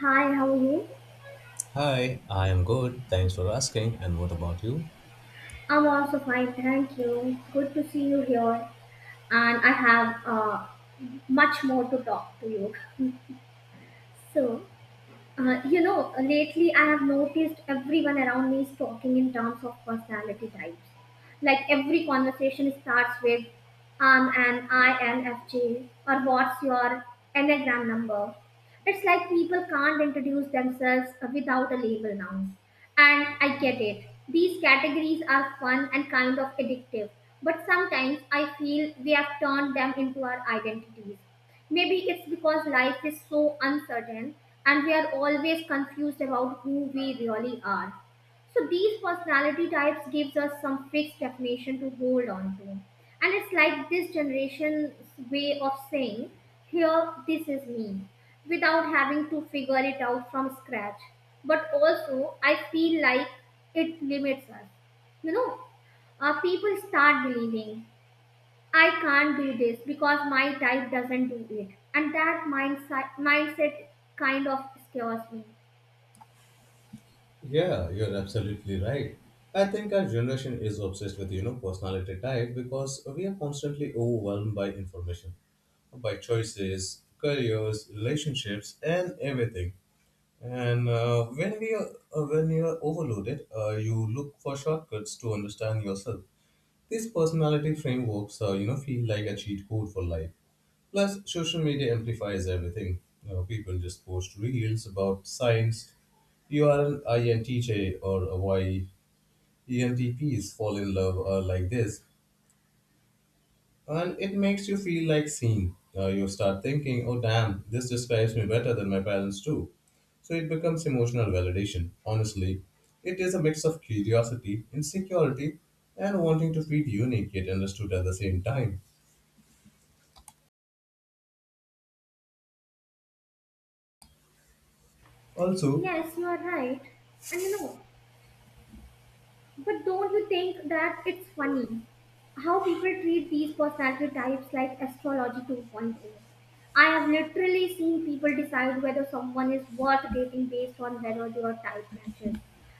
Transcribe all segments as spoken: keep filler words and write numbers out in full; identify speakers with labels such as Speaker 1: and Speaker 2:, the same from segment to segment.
Speaker 1: Hi, how are you?
Speaker 2: Hi, I am good. Thanks for asking. And what about you?
Speaker 1: I'm also fine, thank you. Good to see you here, and I have uh, much more to talk to you. So, uh, you know, lately I have noticed everyone around me is talking in terms of personality types. Like every conversation starts with I'm an I N F J, or what's your Enneagram number? It's like people can't introduce themselves without a label now. And I get it. These categories are fun and kind of addictive, but sometimes I feel we have turned them into our identities. Maybe it's because life is so uncertain and we are always confused about who we really are. So these personality types gives us some fixed definition to hold on to. And it's like this generation's way of saying, here this is me, without having to figure it out from scratch. But also I feel like it limits us. You know, uh, People start believing I can't do this because my type doesn't do it. And that mindset mindset kind of scares me.
Speaker 2: Yeah, you're absolutely right. I think our generation is obsessed with you know pollution by choices, cuts, everything. And uh, when we are, uh, When you are overloaded, uh, you look for shortcuts to understand yourself. These personality frameworks, uh, you know, feel like a cheat code for life. Plus, social media amplifies everything. You know, people just post reels about things. You are an I N T J or a Y. E N T Ps fall in love uh, like this. And it makes you feel like seen. Uh, you start thinking, oh damn, this describes me better than my parents do. So it becomes emotional validation. Honestly, it is a mix of curiosity, insecurity, and wanting to feel unique yet understood at the same time. Also,
Speaker 1: Yes, you are right. And you know, But don't you think that it's funny how people treat these personality types like astrology 2.0? I have literally seen people decide whether someone is worth dating based on whether their type matches.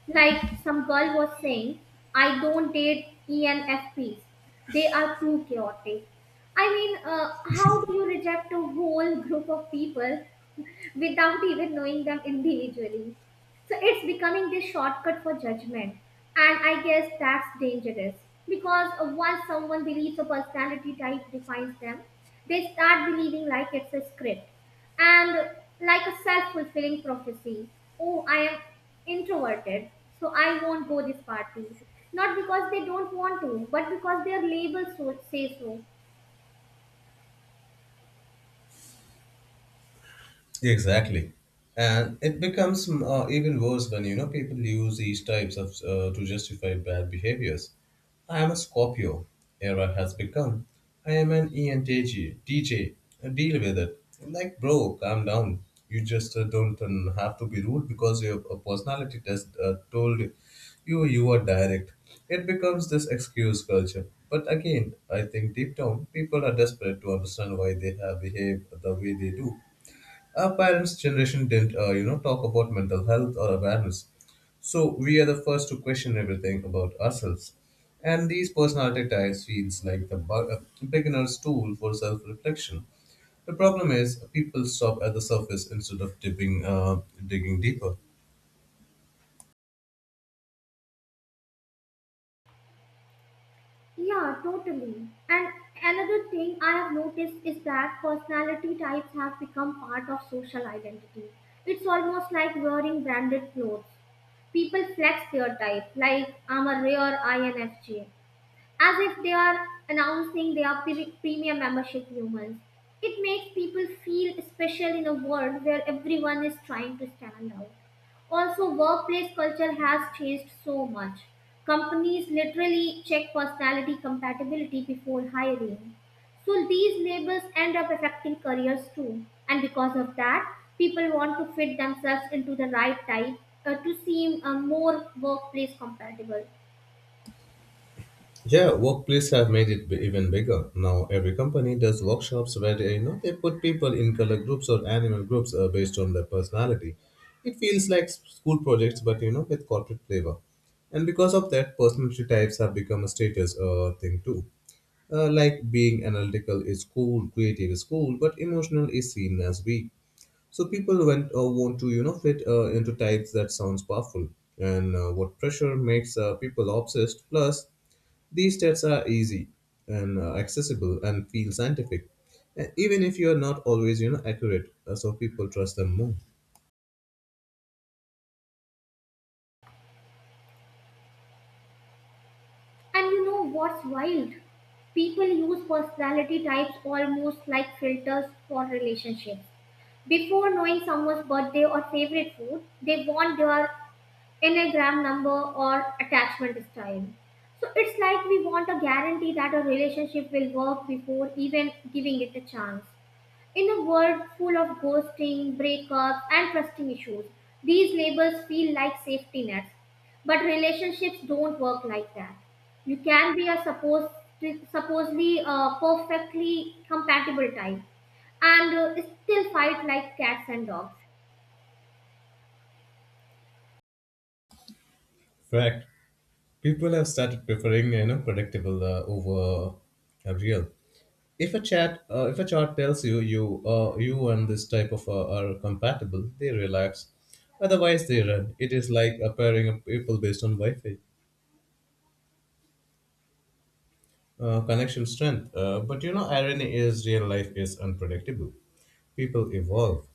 Speaker 1: Like some girl was saying, I don't date E N F Ps. They are too chaotic. I mean, uh, how do you reject a whole group of people without even knowing them individually. So it's becoming this shortcut for judgment. And I guess that's dangerous because once someone believes a personality type defines them, they start believing like it's a script and like a self fulfilling prophecy. Oh, I am introverted, so I won't go this party. Not because they don't want to, but because their label so, say so.
Speaker 2: exactly. And it becomes mm, uh, even worse when, you know, people use these types of uh, to justify bad behaviors. I am a Scorpio. Era has become. I am an E N T J. Uh, Deal with it. Like, bro, calm down. You just uh, don't um, have to be rude because your uh, personality test uh, told you you are direct. It becomes this excuse culture. But again, I think deep down, people are desperate to understand why they have behaved the way they do. Our parents' generation didn't, uh, you know, talk about mental health or awareness. So we are the first to question everything about ourselves. And these personality types feels like the bu- uh, beginner's tool for self-reflection. The problem is people stop at the surface instead of dipping, uh, digging deeper.
Speaker 1: Yeah, totally. And another thing I have noticed is that personality types have become part of social identity. It's almost like wearing branded clothes. People flex their type, like I'm a rare I N F J as if they are announcing they are pre- premium membership humans. It makes people feel special in a world where everyone is trying to stand out. Also, workplace culture has changed so much. Companies literally check personality compatibility before hiring. So these labels end up affecting careers too. And because of that, people want to fit themselves into the right type uh, to seem uh, more workplace compatible.
Speaker 2: Yeah, workplace have made it b- even bigger. Now every company does workshops where they, you know, they put people in color groups or animal groups uh, based on their personality. It feels like s- school projects, but you know, with corporate flavor. And because of that, personality types have become a status uh, thing too. Uh, like, being analytical is cool, creative is cool, but emotional is seen as weak. So people went uh, want to, you know, fit uh, into types that sounds powerful, and uh, what pressure makes uh, people obsessed. Plus, these tests are easy and uh, accessible and feel scientific, and even if you are not always, you know, accurate. Uh, so people trust them more.
Speaker 1: And you know what's wild? People use personality types almost like filters for relationships. Before knowing someone's birthday or favorite food, they want their Enneagram number or attachment style. So it's like we want a guarantee that a relationship will work before even giving it a chance. In a world full of ghosting, breakups, and trusting issues, these labels feel like safety nets. But relationships don't work like that. You can be a supposed, supposedly uh, perfectly compatible type and uh, still fight like cats and dogs.
Speaker 2: Fact: people have started preferring, you know, predictable uh, over uh, real. If a chat uh, if a chart tells you you uh, you and this type of uh, are compatible, they relax, otherwise they run. It is like a pairing of people based on wi-fi uh, connection strength, uh, but you know, irony is real life is unpredictable. people evolve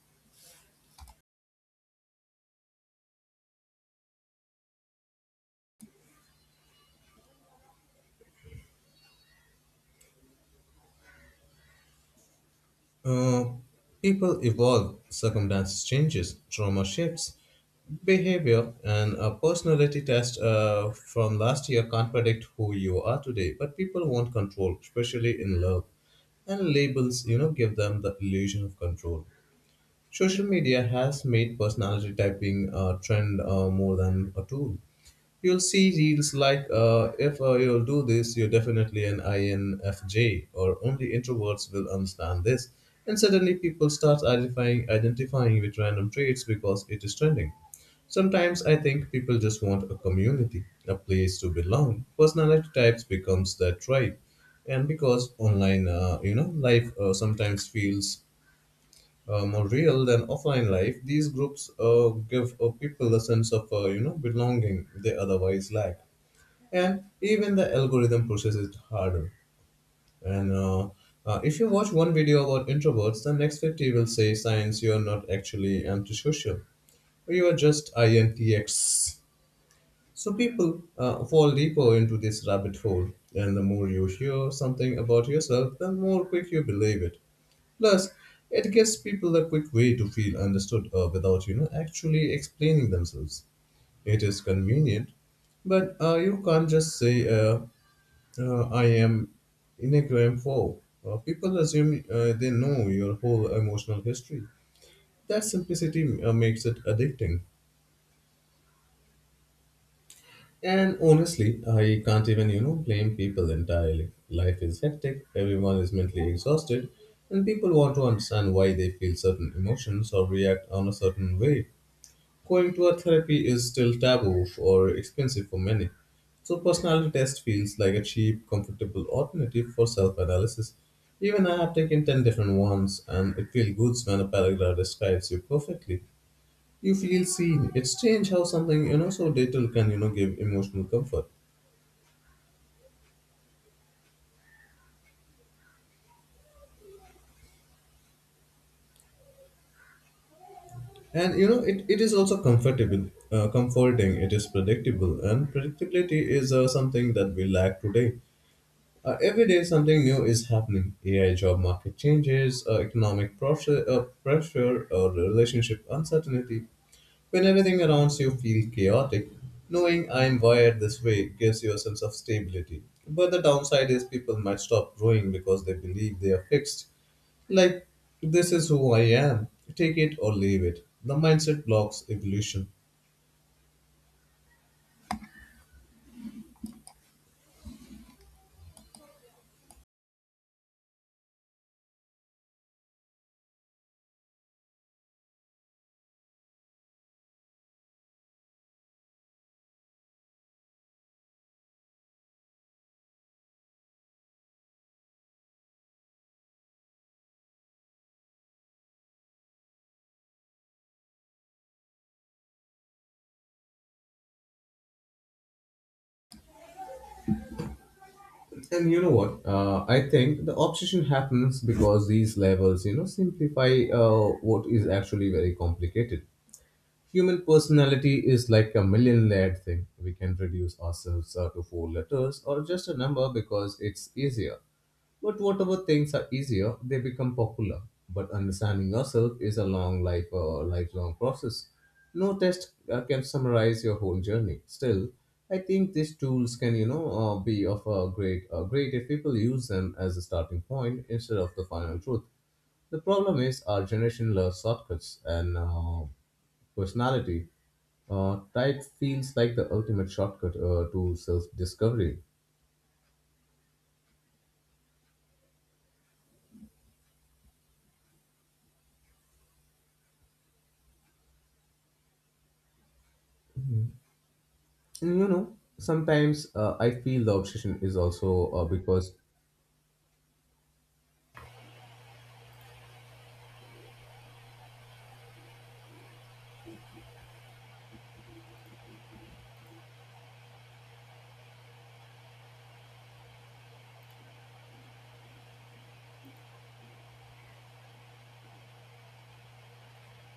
Speaker 2: Uh, People evolve, circumstances changes, trauma shifts, behavior, and a personality test uh, from last year can't predict who you are today. But people want control, especially in love, and labels, you know, give them the illusion of control. Social media has made personality typing a trend uh, more than a tool. You'll see reels like uh, if uh, you'll do this, you're definitely an I N F J, or only introverts will understand this. And suddenly people start identifying, identifying with random traits because it is trending. Sometimes I think people just want a community, a place to belong. Personality types becomes that tribe, and because online, uh, you know, life uh, sometimes feels uh, more real than offline life, these groups uh, give uh, people a sense of uh, you know belonging they otherwise lack, and even the algorithm processes it harder. And uh, uh, If you watch one video about introverts, the next fifty will say science you are not actually antisocial, or you are just I N T X. So people uh, fall deeper into this rabbit hole, and the more you hear something about yourself, the more quick you believe it. Plus, it gives people a quick way to feel understood uh, without you know actually explaining themselves. It is convenient, but uh, you can't just say uh, uh, I am inexorable. Uh, people assume uh, they know your whole emotional history. That simplicity uh, makes it addicting. And honestly, I can't even, you know, blame people entirely. Life is hectic, everyone is mentally exhausted, and people want to understand why they feel certain emotions or react on a certain way. Going to a therapy is still taboo or expensive for many, so personality test feels like a cheap, comfortable alternative for self-analysis. Even I have taken ten different ones and it feels good when a paragraph describes you perfectly. You feel seen. It's strange how something, you know, so little can, you know, give emotional comfort. And, you know, it, it is also comfortable, uh, comforting. It is predictable and predictability is uh, something that we lack today. Uh, every day, something new is happening. A I job market changes, uh, economic pressure, uh, pressure, or relationship uncertainty. When everything around you feels chaotic, knowing I am wired this way gives you a sense of stability. But the downside is people might stop growing because they believe they are fixed. Like, this is who I am. Take it or leave it. The mindset blocks evolution. And you know what? Uh, I think the obsession happens because these levels, you know, simplify uh, what is actually very complicated. Human personality is like a million layered thing. We can reduce ourselves uh, to four letters or just a number because it's easier. But whatever things are easier, they become popular. But understanding yourself is a long life, uh, lifelong process. No test uh, can summarize your whole journey. Still, I think these tools can, you know, uh, be of a great, uh, great if people use them as a starting point instead of the final truth. The problem is our generation loves shortcuts, and uh, personality, uh, diet feels like the ultimate shortcut uh, to self discovery. And you know, sometimes uh, I feel the obsession is also uh, because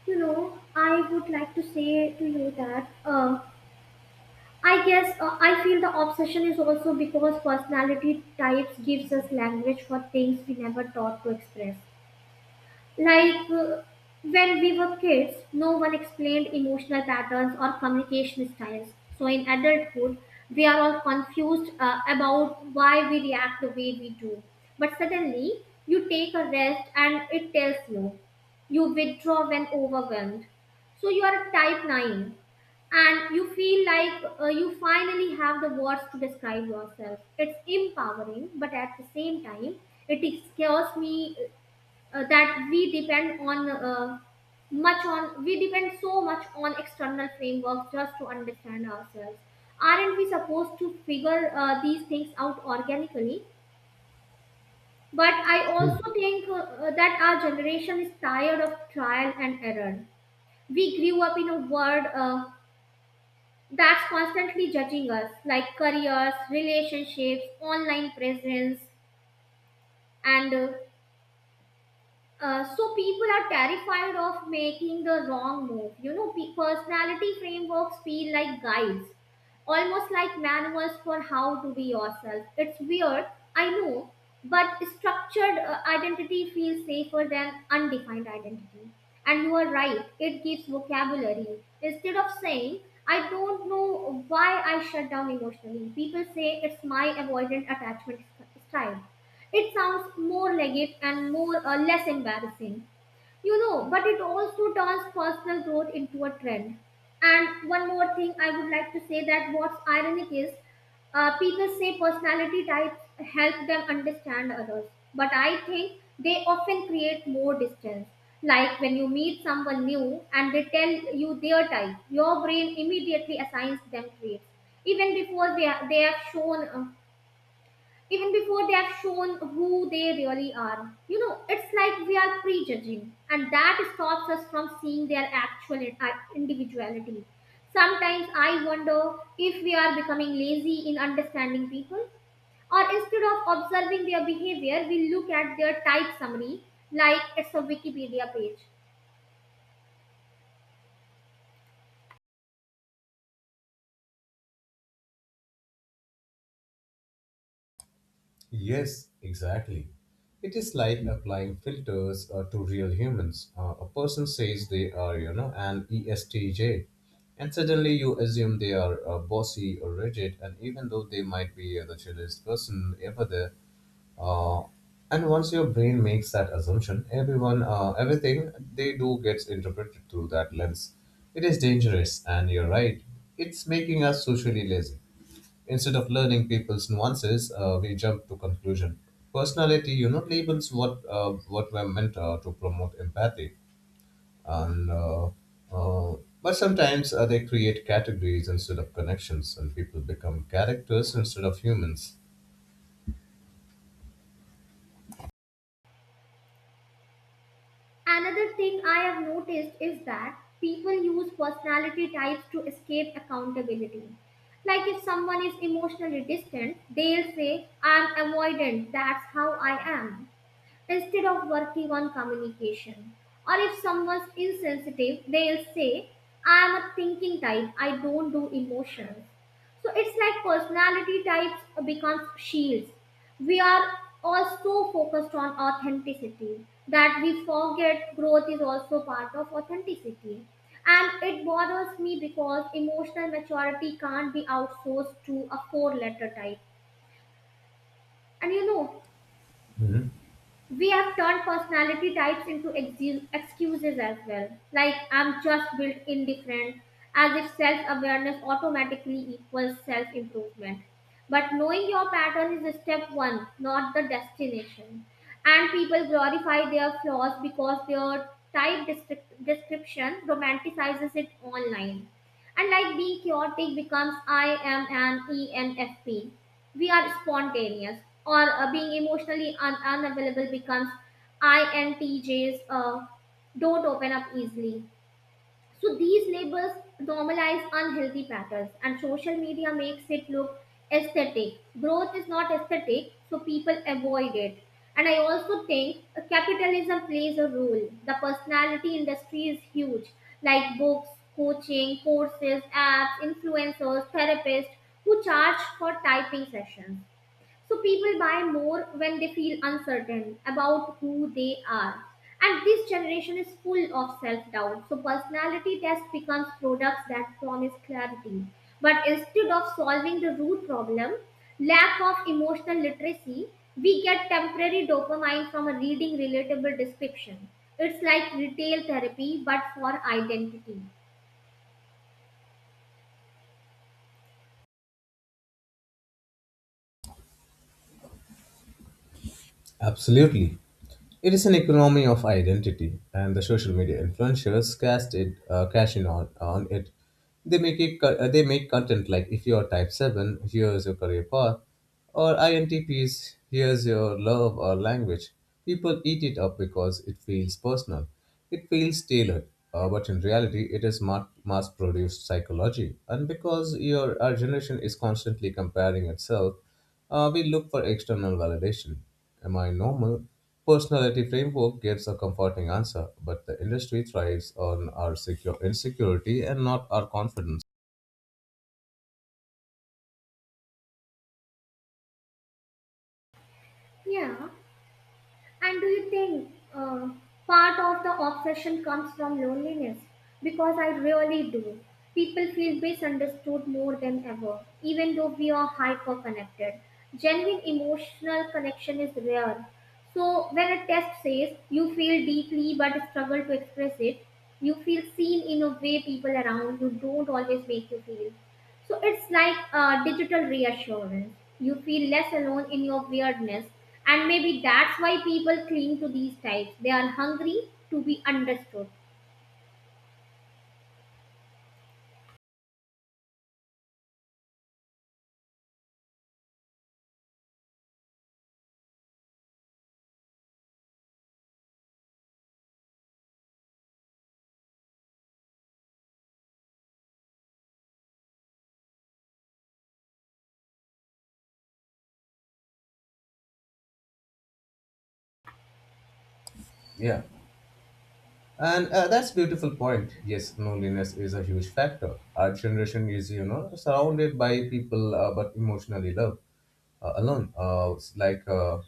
Speaker 1: You know, I would like to say to you that uh, I guess uh, I feel the obsession is also because personality types gives us language for things we never thought to express. Like uh, when we were kids, no one explained emotional patterns or communication styles. So in adulthood, we are all confused uh, about why we react the way we do. But suddenly, you take a rest and it tells you. You withdraw when overwhelmed. So you are a type nine and you feel like uh, you finally have the words to describe yourself. It's empowering, but at the same time, it scares me uh, that we depend on uh, much on we depend so much on external frameworks just to understand ourselves. Aren't we supposed to figure uh, these things out organically? But I also
Speaker 2: oh,
Speaker 1: think uh, uh, that our generation is tired of trial and error. We grew up in a world uh, that's constantly judging us, like careers, relationships, online presence, and uh, Uh, so people are terrified of making the wrong move. You know, pe- personality frameworks feel like guides, almost like manuals for how to be yourself. It's weird, I know, but structured uh, identity feels safer than undefined identity. And you are right, it gives vocabulary. Instead of saying, I don't know why I shut down emotionally, people say it's my avoidant attachment st- style. It sounds more legit and more uh, less embarrassing, you know. But it also turns personal growth into a trend. And one more thing, I would like to say that what's ironic is, uh, people say personality types help them understand others, but I think they often create more distance. Like when you meet someone new and they tell you their type, your brain immediately assigns them traits, even before they, are, they have shown uh, even before they have shown who they really are. You know, it's like we are prejudging, and that stops us from seeing their actual i- individuality. Sometimes I wonder if we are becoming lazy in understanding people, or instead of observing their behavior, we look at their type summary like it's a Wikipedia page.
Speaker 2: yes, exactly. It is like applying filters uh, to real humans. Uh, a person says they are, you know, an E S T J, and suddenly you assume they are uh, bossy or rigid, and even though they might be uh, the chillest person ever there, uh, and once your brain makes that assumption, everyone, uh, everything they do gets interpreted through that lens. It is dangerous, and you're right. It's making us socially lazy. Instead of learning people's nuances, uh, we jump to conclusion. Personality, you know, labels what uh, what were meant uh, to promote empathy, and uh, uh, but sometimes uh, they create categories instead of connections, and people become characters instead of humans.
Speaker 1: Another thing I have noticed is that people use personality types to escape accountability. Like if someone is emotionally distant, they'll say, I'm avoidant, that's how I am instead of working on communication. Or if someone's insensitive, they'll say, I am a thinking type, I don't do emotions. So it's like personality types becomes shields. We are all so focused on authenticity that we forget growth is also part of authenticity. And it bothers me because emotional maturity can't be outsourced to a four letter type. And you know,
Speaker 2: Mhm.
Speaker 1: We have turned personality types into exu- excuses as well. Like, I'm just built indifferent, as if self awareness automatically equals self improvement. But knowing your pattern is a step one, not the destination. And people glorify their flaws because their type descrip- description romanticizes it online. And like being chaotic becomes I am an E N F P. We are spontaneous. Or uh, being emotionally un- unavailable becomes I N T Js uh, don't open up easily. So these labels normalize unhealthy patterns, and social media makes it look aesthetic. Growth is not aesthetic, so people avoid it. And I also think uh, capitalism plays a role. The personality industry is huge, like books, coaching, courses, apps, influencers, therapists who charge for typing sessions. So people buy more when they feel uncertain about who they are. And this generation is full of self doubt. So personality tests becomes products that promise clarity. But instead of solving the root problem, lack of emotional literacy, we get temporary dopamine from a reading relatable description. It's like retail therapy, but for identity.
Speaker 2: Absolutely. It is an economy of identity, and the social media influencers cast it, uh, cash in on, on it. They make it, co- uh, they make content like, if you are type seven, here's your career path, or I N T Ps, here's your love or language. People eat it up because it feels personal, it feels tailored. Uh, but in reality, it is mass produced psychology. And because your, our generation is constantly comparing itself, uh, we look for external validation. Am I normal? Personality framework gives a comforting answer, but the industry thrives on our secure insecurity and not our confidence.
Speaker 1: Yeah. And do you think uh, part of the obsession comes from loneliness? Because I really do. People feel misunderstood more than ever, even though we are hyper connected. Genuine emotional connection is rare. So, when a test says you feel deeply but struggle to express it, you feel seen in a way people around you don't always make you feel. So it's like a digital reassurance. You feel less alone in your weirdness, and maybe that's why people cling to these types. They are hungry to be understood.
Speaker 2: Yeah, and uh, that's beautiful point. Yes, loneliness is a huge factor. Our generation is, you know, surrounded by people uh, but emotionally loved uh, alone. Uh, it's like uh,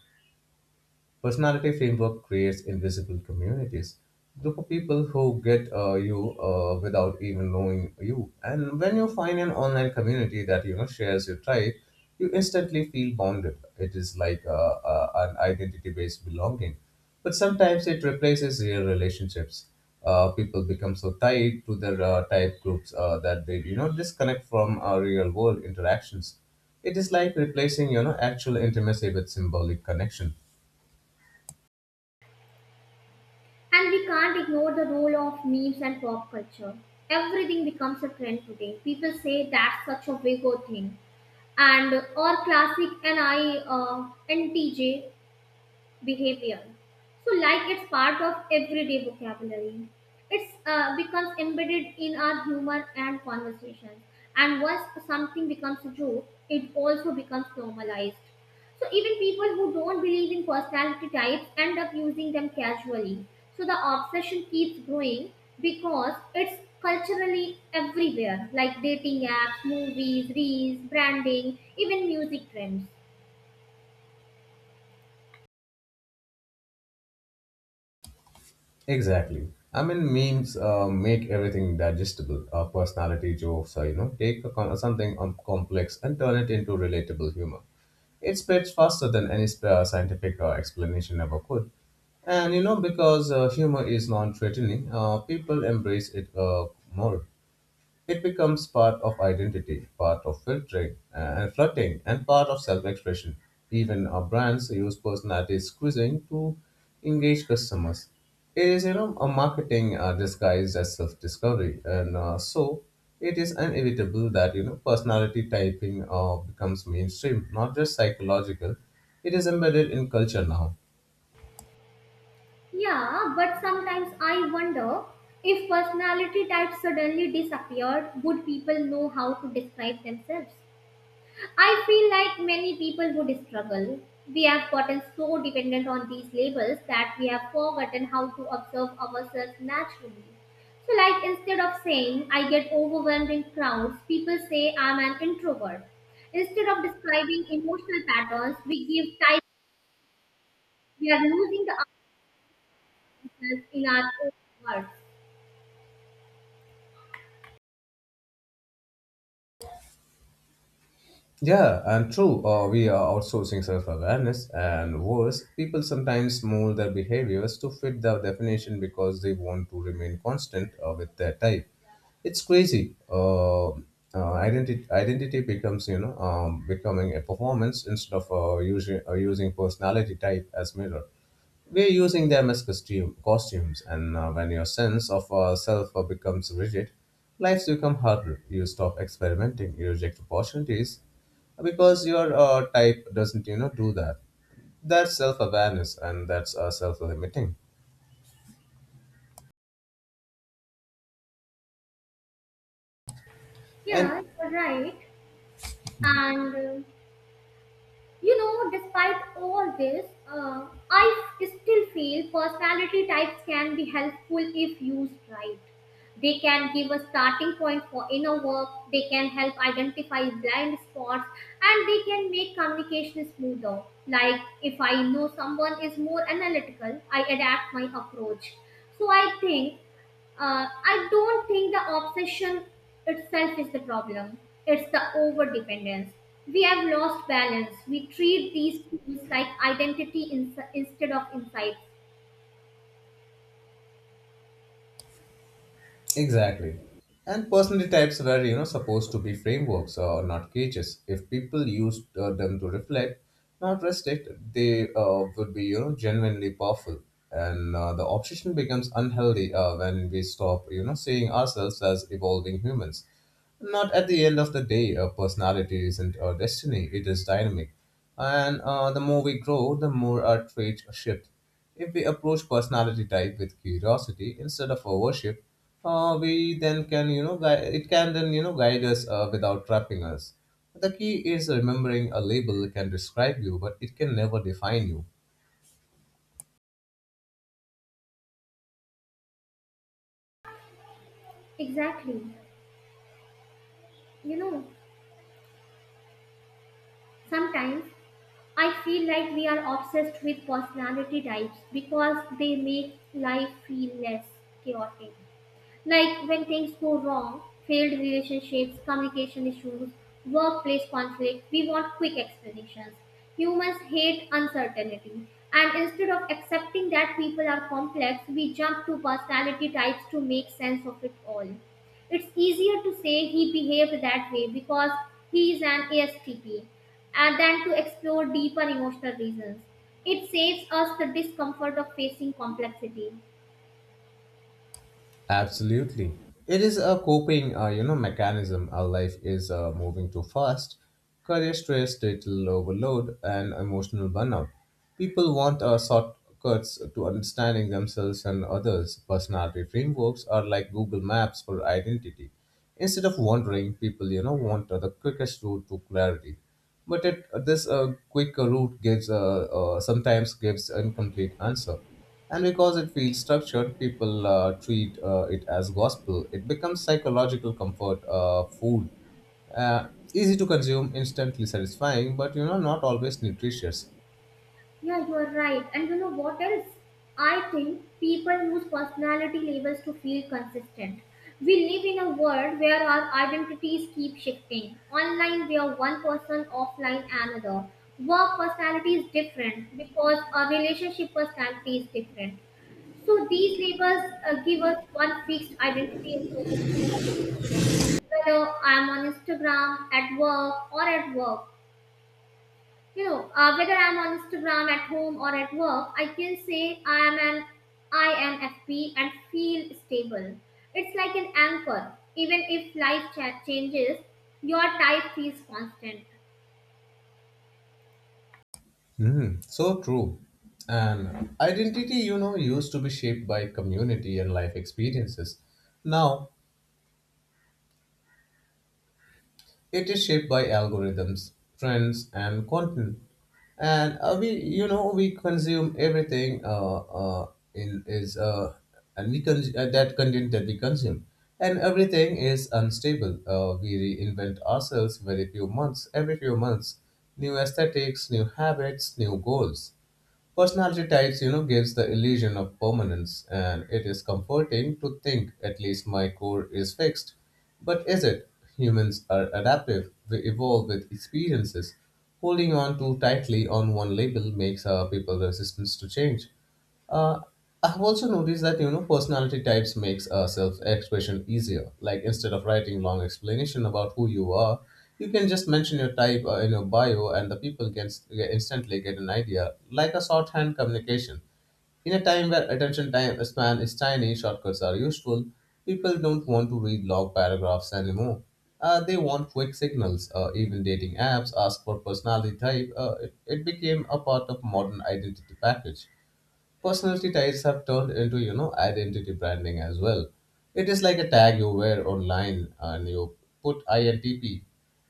Speaker 2: Personality framework creates invisible communities, group of people who get uh, you uh, without even knowing you. And when you find an online community that, you know, shares your tribe, you instantly feel bonded. It is like uh, uh, an identity-based belonging, but sometimes it replaces real relationships. Uh, people become so tied to their uh, type groups uh, that they, you know, disconnect from uh, real world interactions. It is like replacing, you know, actual intimacy with symbolic connection.
Speaker 1: And we can't ignore the role of memes and pop culture. Everything becomes a trend today. People say that's such a big thing. And or classic N I uh, N T J behavior. So, like it's part of everyday vocabulary. It's uh, becomes embedded in our humor and conversations. And once something becomes a joke, it also becomes normalized. So even people who don't believe in personality types end up using them casually. So the obsession keeps growing because it's culturally everywhere, like dating apps, movies, reels, branding, even music trends.
Speaker 2: Exactly. I mean, memes uh, make everything digestible. Uh, personality jokes, uh, you know, take a con- something um, complex and turn it into relatable humor. It spreads faster than any sp- uh, scientific uh, explanation ever could. And you know, because uh, humor is non-threatening, uh, people embrace it uh, more. It becomes part of identity, part of filtering uh, and flirting, and part of self expression. Even our brands use personality squeezing to engage customers. It is, you know, a marketing uh, disguised as self discovery, and uh, so it is inevitable that, you know, personality typing uh, becomes mainstream, not just psychological. It is embedded in culture now.
Speaker 1: Yeah, but sometimes I wonder if personality types suddenly disappeared, would people know how to describe themselves? I feel like many people would struggle. We have gotten so dependent on these labels that we have forgotten how to observe ourselves naturally. So, like, instead of saying I get overwhelmed in crowds, people say I'm an introvert. Instead of describing emotional patterns, we give types, we are losing the ourselves in our own words.
Speaker 2: Yeah, and true, uh, we are outsourcing self awareness, and worse, people sometimes mold their behaviors to fit the definition because they want to remain constant uh, with their type. It's crazy. Uh, uh, identity identity becomes, you know, um, becoming a performance instead of uh, using uh, using personality type as mirror. We're using them as costume costumes, and uh, when your sense of uh, self uh, becomes rigid, lives become harder. You stop experimenting, you reject opportunities, because your uh, type doesn't you know do that. That's self-awareness and that's uh, self-limiting and
Speaker 1: Yeah, you're right. And uh, you know, despite all this, uh, I still feel personality types can be helpful if used right. They can give a starting point for inner work, they can help identify blind spots, and they can make communication smoother. Like, if I know someone is more analytical, I adapt my approach. So, I think uh, I don't think the obsession itself is the problem. It's the over dependence. We have lost balance. We treat these tools like identity ins- instead of insights.
Speaker 2: exactly. And personality types were, you know, supposed to be frameworks or not cages. If people used uh, them to reflect, not restrict, they uh, would be, you know, genuinely powerful. And uh, the obsession becomes unhealthy uh, when we stop, you know, seeing ourselves as evolving humans. Not at the end of the day, uh, personality isn't a destiny, it is dynamic. And uh, the more we grow, the more our traits shift. If we approach personality type with curiosity instead of a worship, uh, we then can you know guide, it can then you know guide us uh, without trapping us. The key is remembering a label can describe you, but it can never define you.
Speaker 1: Exactly. You know, sometimes I feel like we are obsessed with personality types because they make life feel less chaotic. Like when things go wrong, failed relationships, communication issues, workplace conflict, we want quick explanations. Humans hate uncertainty. And instead of accepting that people are complex, we jump to personality types to make sense of it all. It's easier to say he behaved that way because he is an A S T P and than to explore deeper emotional reasons. It saves us the discomfort of facing complexity.
Speaker 2: Absolutely. It is a coping, uh, you know, mechanism. Our life is uh, moving too fast. Career stress, digital overload, and emotional burnout. People want uh, shortcuts to understanding themselves and others. Personality frameworks are like Google Maps for identity. Instead of wandering, people, you know, want uh, the quickest route to clarity. But it, this uh, quicker route gives uh, uh, sometimes gives incomplete answer. And because it feels structured, people uh, treat uh, it as gospel. It becomes psychological comfort uh, food. Uh, Easy to consume, instantly satisfying, but you know, not always nutritious.
Speaker 1: Yeah, you are right. And you know what else? I think people use personality labels to feel consistent. We live in a world where our identities keep shifting. Online, we are one person, offline, another. Work personality is different because our relationship personality is different. So these labels uh, give us one fixed identity across all spaces. Whether I am on Instagram, at work, or at work you know uh, Whether I'm on Instagram at home or at work, I can say I am an I N F P and feel stable. It's like an anchor, even if life cha- changes, your type feels constant.
Speaker 2: Mm, so true. And identity, you know, used to be shaped by community and life experiences. Now, it is shaped by algorithms, trends, and content. And uh, we, you know, we consume everything uh, uh, in is uh, and we con- uh, that content that we consume, and everything is unstable. Uh, we reinvent ourselves very few months, every few months, new aesthetics, new habits, new goals. Personality types, you know, gives the illusion of permanence, and it is comforting to think at least my core is fixed. But is it? Humans are adaptive, we evolve with experiences. Holding on too tightly on one label makes our people resistant to change. Uh, I've also noticed that you know personality types makes uh, self-expression easier. Like instead of writing long explanation about who you are, you can just mention your type uh, in your bio, and the people can s- get- instantly get an idea, like a shorthand communication. In a time where attention time span is tiny, shortcuts are useful. People don't want to read long paragraphs anymore. Uh, they want quick signals. Uh, even dating apps ask for personality type. Uh, it, it became a part of modern identity package. Personality types have turned into, you know, identity branding as well. It is like a tag you wear online, and you put I N T P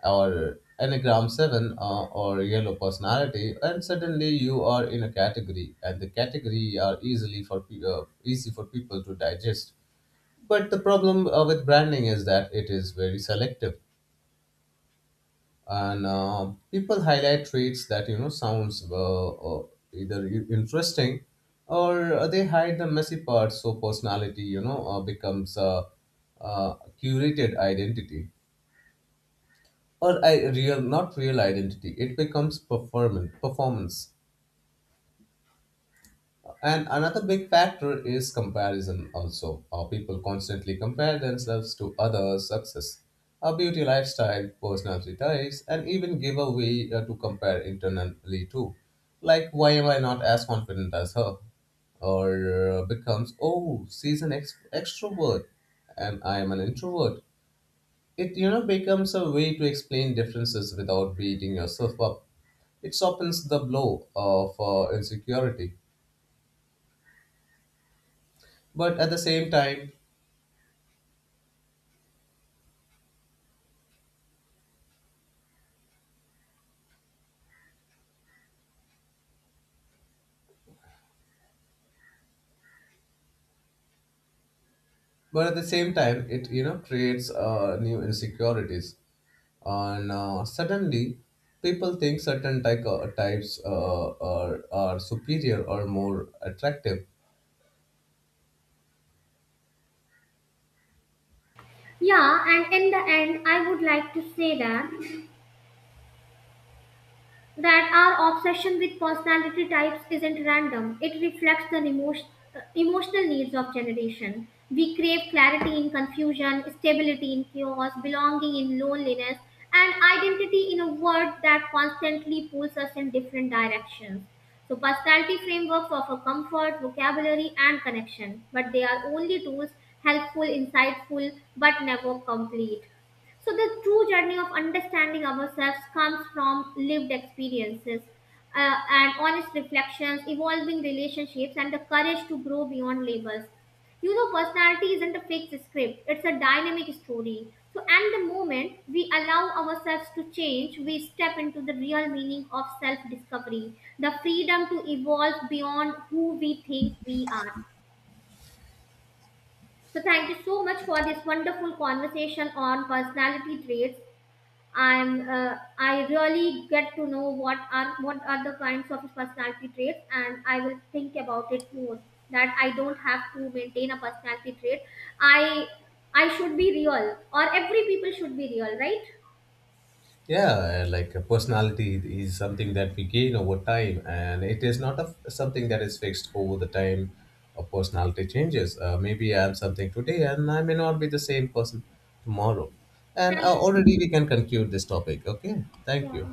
Speaker 2: or Enneagram seven uh, or Yellow Personality, and suddenly you are in a category, and the category are easily for pe- uh, easy for people to digest. But the problem uh, with branding is that it is very selective, and uh, people highlight traits that you know sounds uh, uh, either i- interesting, or uh, they hide the messy parts. So personality you know uh, becomes a, a curated identity, or I real not real identity, it becomes performance performance And another big factor is comparison also. Uh, people constantly compare themselves to others' success, our beauty lifestyle, personality types, and even give a way uh, to compare internally too. Like, why am I not as confident as her? Or uh, becomes, oh, she's an ex- extrovert and I am an introvert. It, you know, becomes a way to explain differences without beating yourself up. It softens the blow of uh, insecurity, but at the same time but at the same time it you know creates uh, new insecurities. And uh, suddenly people think certain type, uh, types uh, are, are superior or more attractive.
Speaker 1: Yeah, and in the end I would like to say that that our obsession with personality types isn't random. It reflects the emotion, emotional needs of generation. We crave clarity in confusion, stability in chaos, belonging in loneliness, and identity in a world that constantly pulls us in different directions. So, personality frameworks offer comfort, vocabulary, and connection, but they are only tools, helpful, insightful, but never complete. So, the true journey of understanding ourselves comes from lived experiences uh, and honest reflections, evolving relationships, and the courage to grow beyond labels. You know, personality isn't a fixed script, it's a dynamic story. So, and the moment we allow ourselves to change, we step into the real meaning of self discovery, the freedom to evolve beyond who we think we are. So, thank you so much for this wonderful conversation on personality traits. I'm uh, I really get to know what are what are the kinds of personality traits, and I will think about it more. That I don't have to maintain a personality trait. I I should be real, or every people should be real, right?
Speaker 2: Yeah, like a personality is something that we gain over time, and it is not a, something that is fixed over the time. A personality changes, uh, maybe I'm something today and I may not be the same person tomorrow. And uh,
Speaker 1: Thank you.
Speaker 2: already we can conclude this topic, okay? Thank
Speaker 1: Yeah.
Speaker 2: you.